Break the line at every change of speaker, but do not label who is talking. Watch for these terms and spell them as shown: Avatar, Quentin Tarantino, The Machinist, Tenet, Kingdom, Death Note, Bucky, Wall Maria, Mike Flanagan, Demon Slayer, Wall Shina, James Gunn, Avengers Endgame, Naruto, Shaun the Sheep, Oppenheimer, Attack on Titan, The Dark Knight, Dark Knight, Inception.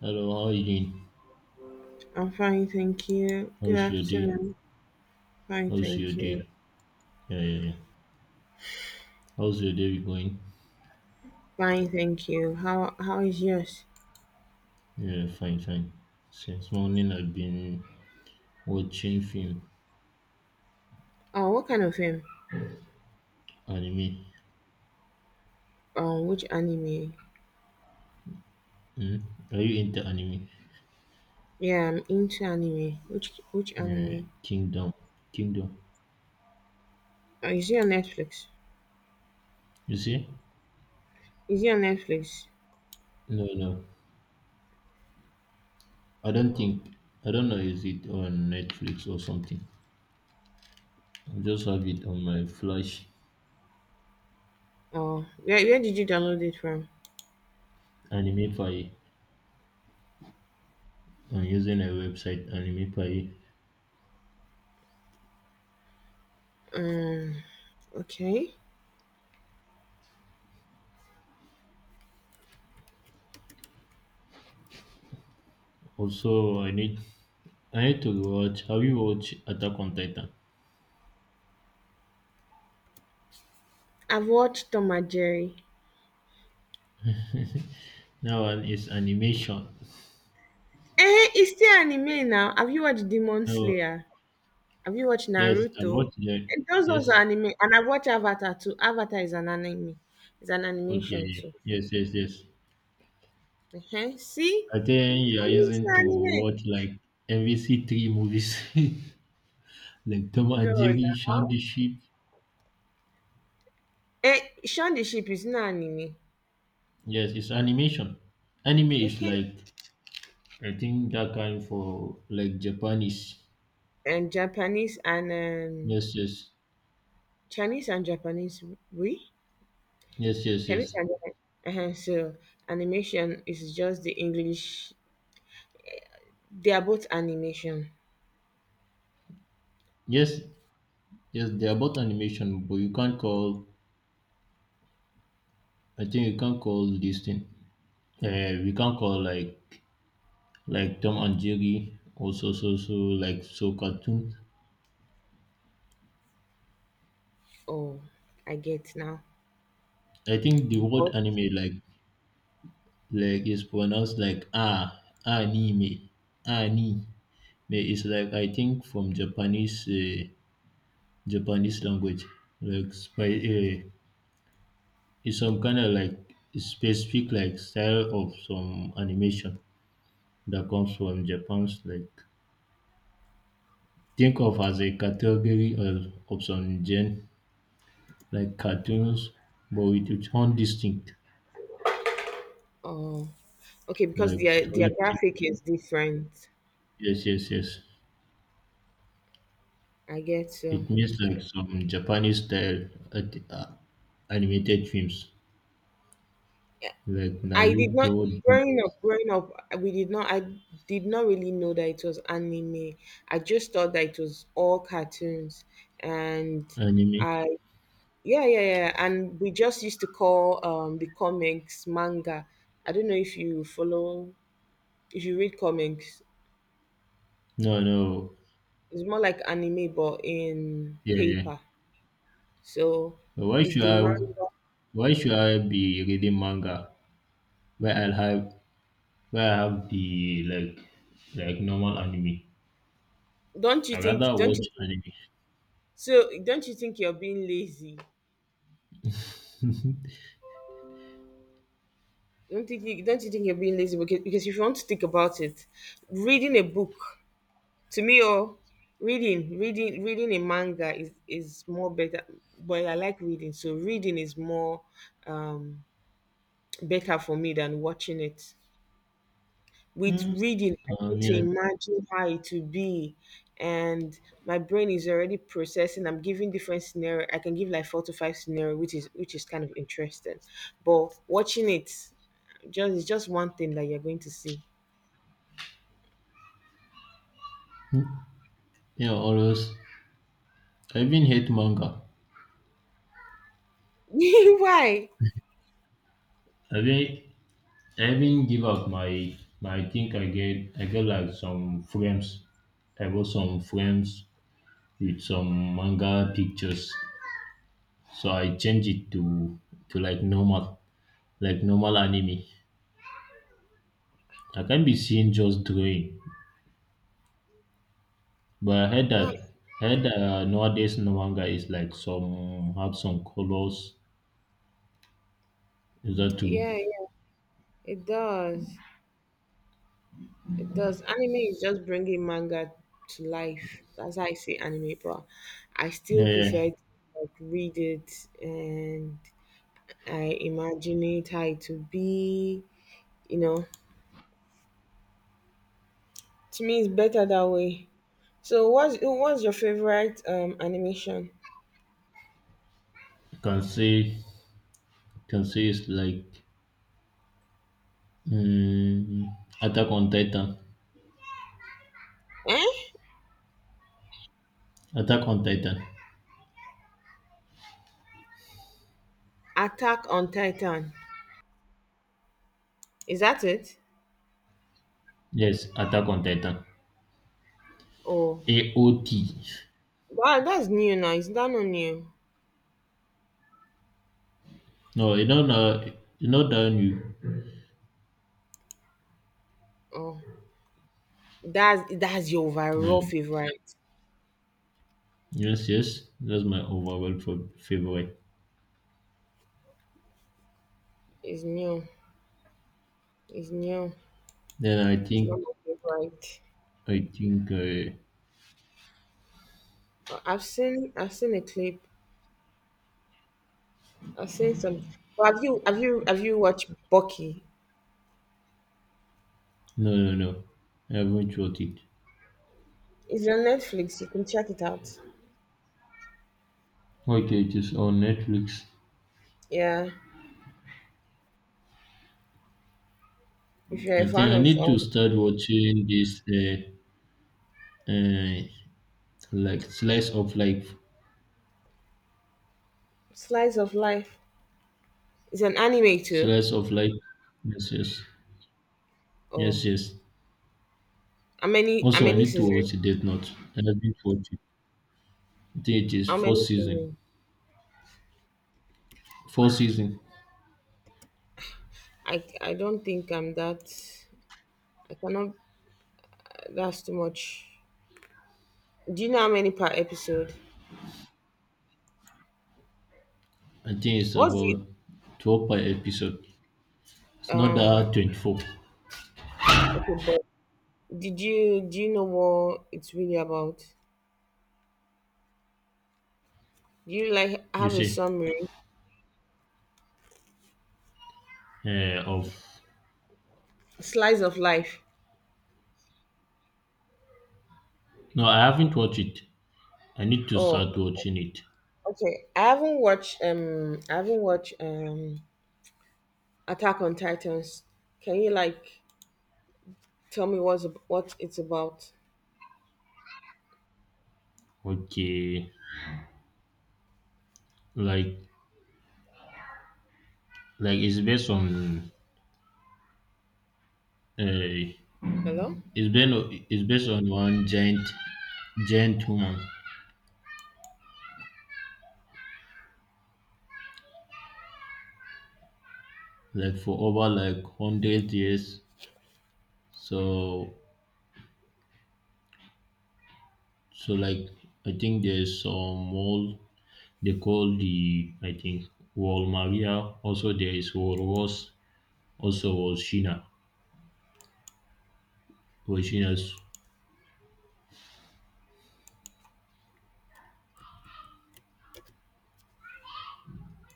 Hello, how are you doing?
I'm fine, thank you. Good
How's your day?
afternoon. Fine,
How's your
thank you.
day? Yeah, yeah, yeah. How's your day going?
Fine, thank you. How is yours?
Yeah, fine, fine. Since morning, I've been watching film,
Oh, what kind of film?
anime.
Which anime?
Hmm? Are you into anime?
Yeah, I'm into anime. Which
Yeah,
anime?
Kingdom, Kingdom.
Oh, is it on Netflix?
You see?
Is it on Netflix?
No, no. I don't
Oh,
think. I don't know. Is it on Netflix or something? I just have it on my Flash
oh. Where did you download it from?
anime file. I'm using a website anime file.
Um, okay.
Also, I need. I need to watch. Have you watched Attack on Titan?
I've watched Tom and Jerry.
That one is animation.
Eh, it's still anime now. Have you watched Demon
So
Slayer? Have you watched
yes, I
Naruto?
watched that.
And those ones are
Yes.
anime. And I've watched Avatar too. Avatar is an anime. It's an animation
Okay.
too.
Yes, yes, yes.
Uh-huh. See?
I think you are
I mean, it's an
using to
anime.
watch like MVC three movies like Tom
No,
and Jerry, Shaun
no.
the Sheep.
Eh, Shaun the Sheep is not anime.
Yes, it's animation. Anime is
Uh-huh.
like I think that kind for like Japanese.
And Japanese and
Yes, yes.
Chinese and Japanese, we?
Yes, yes,
Chinese
yes.
and Japanese. Uh-huh. So animation is just the English. They are both animation.
Yes, yes, they are both animation, but you can't call I think you can't call this thing. We can't call like Tom and Jerry, also so like so cartoon.
Oh, I get now.
I think the word
But
anime like is pronounced like ah anime anime. It's like I think from Japanese Japanese language like it's some kind of like specific like style of some animation that comes from Japan's like think of as a category of some gen like cartoons but with its own distinct
oh, okay, because
Like
their
So
their
it
graphic is different.
yes, yes, yes.
I get so.
It means like some Japanese style animated films like
I did
Naruto
not growing up. Growing up, we did not. I did not really know that it was anime. I just thought that it was all cartoons, and
anime.
I yeah, yeah, yeah. And we just used to call the comics manga. I don't know if you follow if you read comics.
No, no.
It's more like anime, but in
Yeah, yeah.
paper. So
Why
is
should
the
I?
manga.
Why should I be reading manga where I'll have where I have the like normal anime?
Don't you
I rather
think? Don't
watch
you?
anime.
So don't you think you're being lazy? Don't you think you're being lazy because if you want to think about it, reading a book to me or reading a manga is more better. But I like reading, so reading is more um, better for me than watching it. With
Mm.
reading, I get to
Yeah.
imagine how it would be, and my brain is already processing. I'm giving different scenario. I can give like four to five scenario, which is kind of interesting. But watching it just it's just one thing that you're going to see.
You always. I even hate manga.
Why?
I mean, I even give out my I think I get like some frames. I bought some frames with some manga pictures. So I change it to like normal anime. I can't be seen just drawing. But
Why?
I heard that nowadays no manga is like some have some colors. Is that true?
Yeah, yeah. It does. It does. Anime is just bringing manga to life. That's how I see anime, but I
Yeah,
still
yeah.
prefer to like read it and I imagine it how it to be. You know, to me, it's better that way. So, what's your favorite animation?
You can see it's like mm, Attack on Titan.
Eh?
Attack on Titan.
Attack on Titan. Is that it?
Yes, Attack on Titan.
Oh,
AOT.
wow, that's new now. Is that not new?
No, you don't know, you know that new.
Oh, that's your
Yeah.
overall favorite.
Yes, yes, that's my overall favorite.
It's new. It's new.
Then
It's not my favorite.
I think,
But I've seen a clip. I've seen some. But have you watched Bucky?
no, no, no, I haven't watched it.
It's on Netflix. You can check it out.
Okay, it is on Netflix.
Yeah, if you're
I
a
think
fan
I
of
need to start watching this, uh, uh, like slice of life,
slice of life, it's an anime too.
slice of life. Yes, yes, yes,
Oh,
yes.
how many how
Also, I
many
need to
seasons?
watch Death Note. I haven't watched it. I think it is
How
fourth
many
season.
seasons?
Four season.
I don't think I'm that. I cannot. That's too much. Do you know how many per episode?
I think it's
What's the
about 12 per episode. It's not
Um,
that 24,
okay, but did you do you know what it's really about? Do you like
you
have a
say,
summary?
of.
Slice of life.
No, I haven't watched it. I need to
Oh,
start watching it.
okay. I haven't watched Attack on Titans. Can you like tell me what's what it's about?
Okay, like like it's based on uh,
Hello?
it's been it's based on one giant woman like for over like 100 years. So so like I think there's some more they call the I think Wall Maria. Also there is Wall was also Wall Shina. Wall Shina's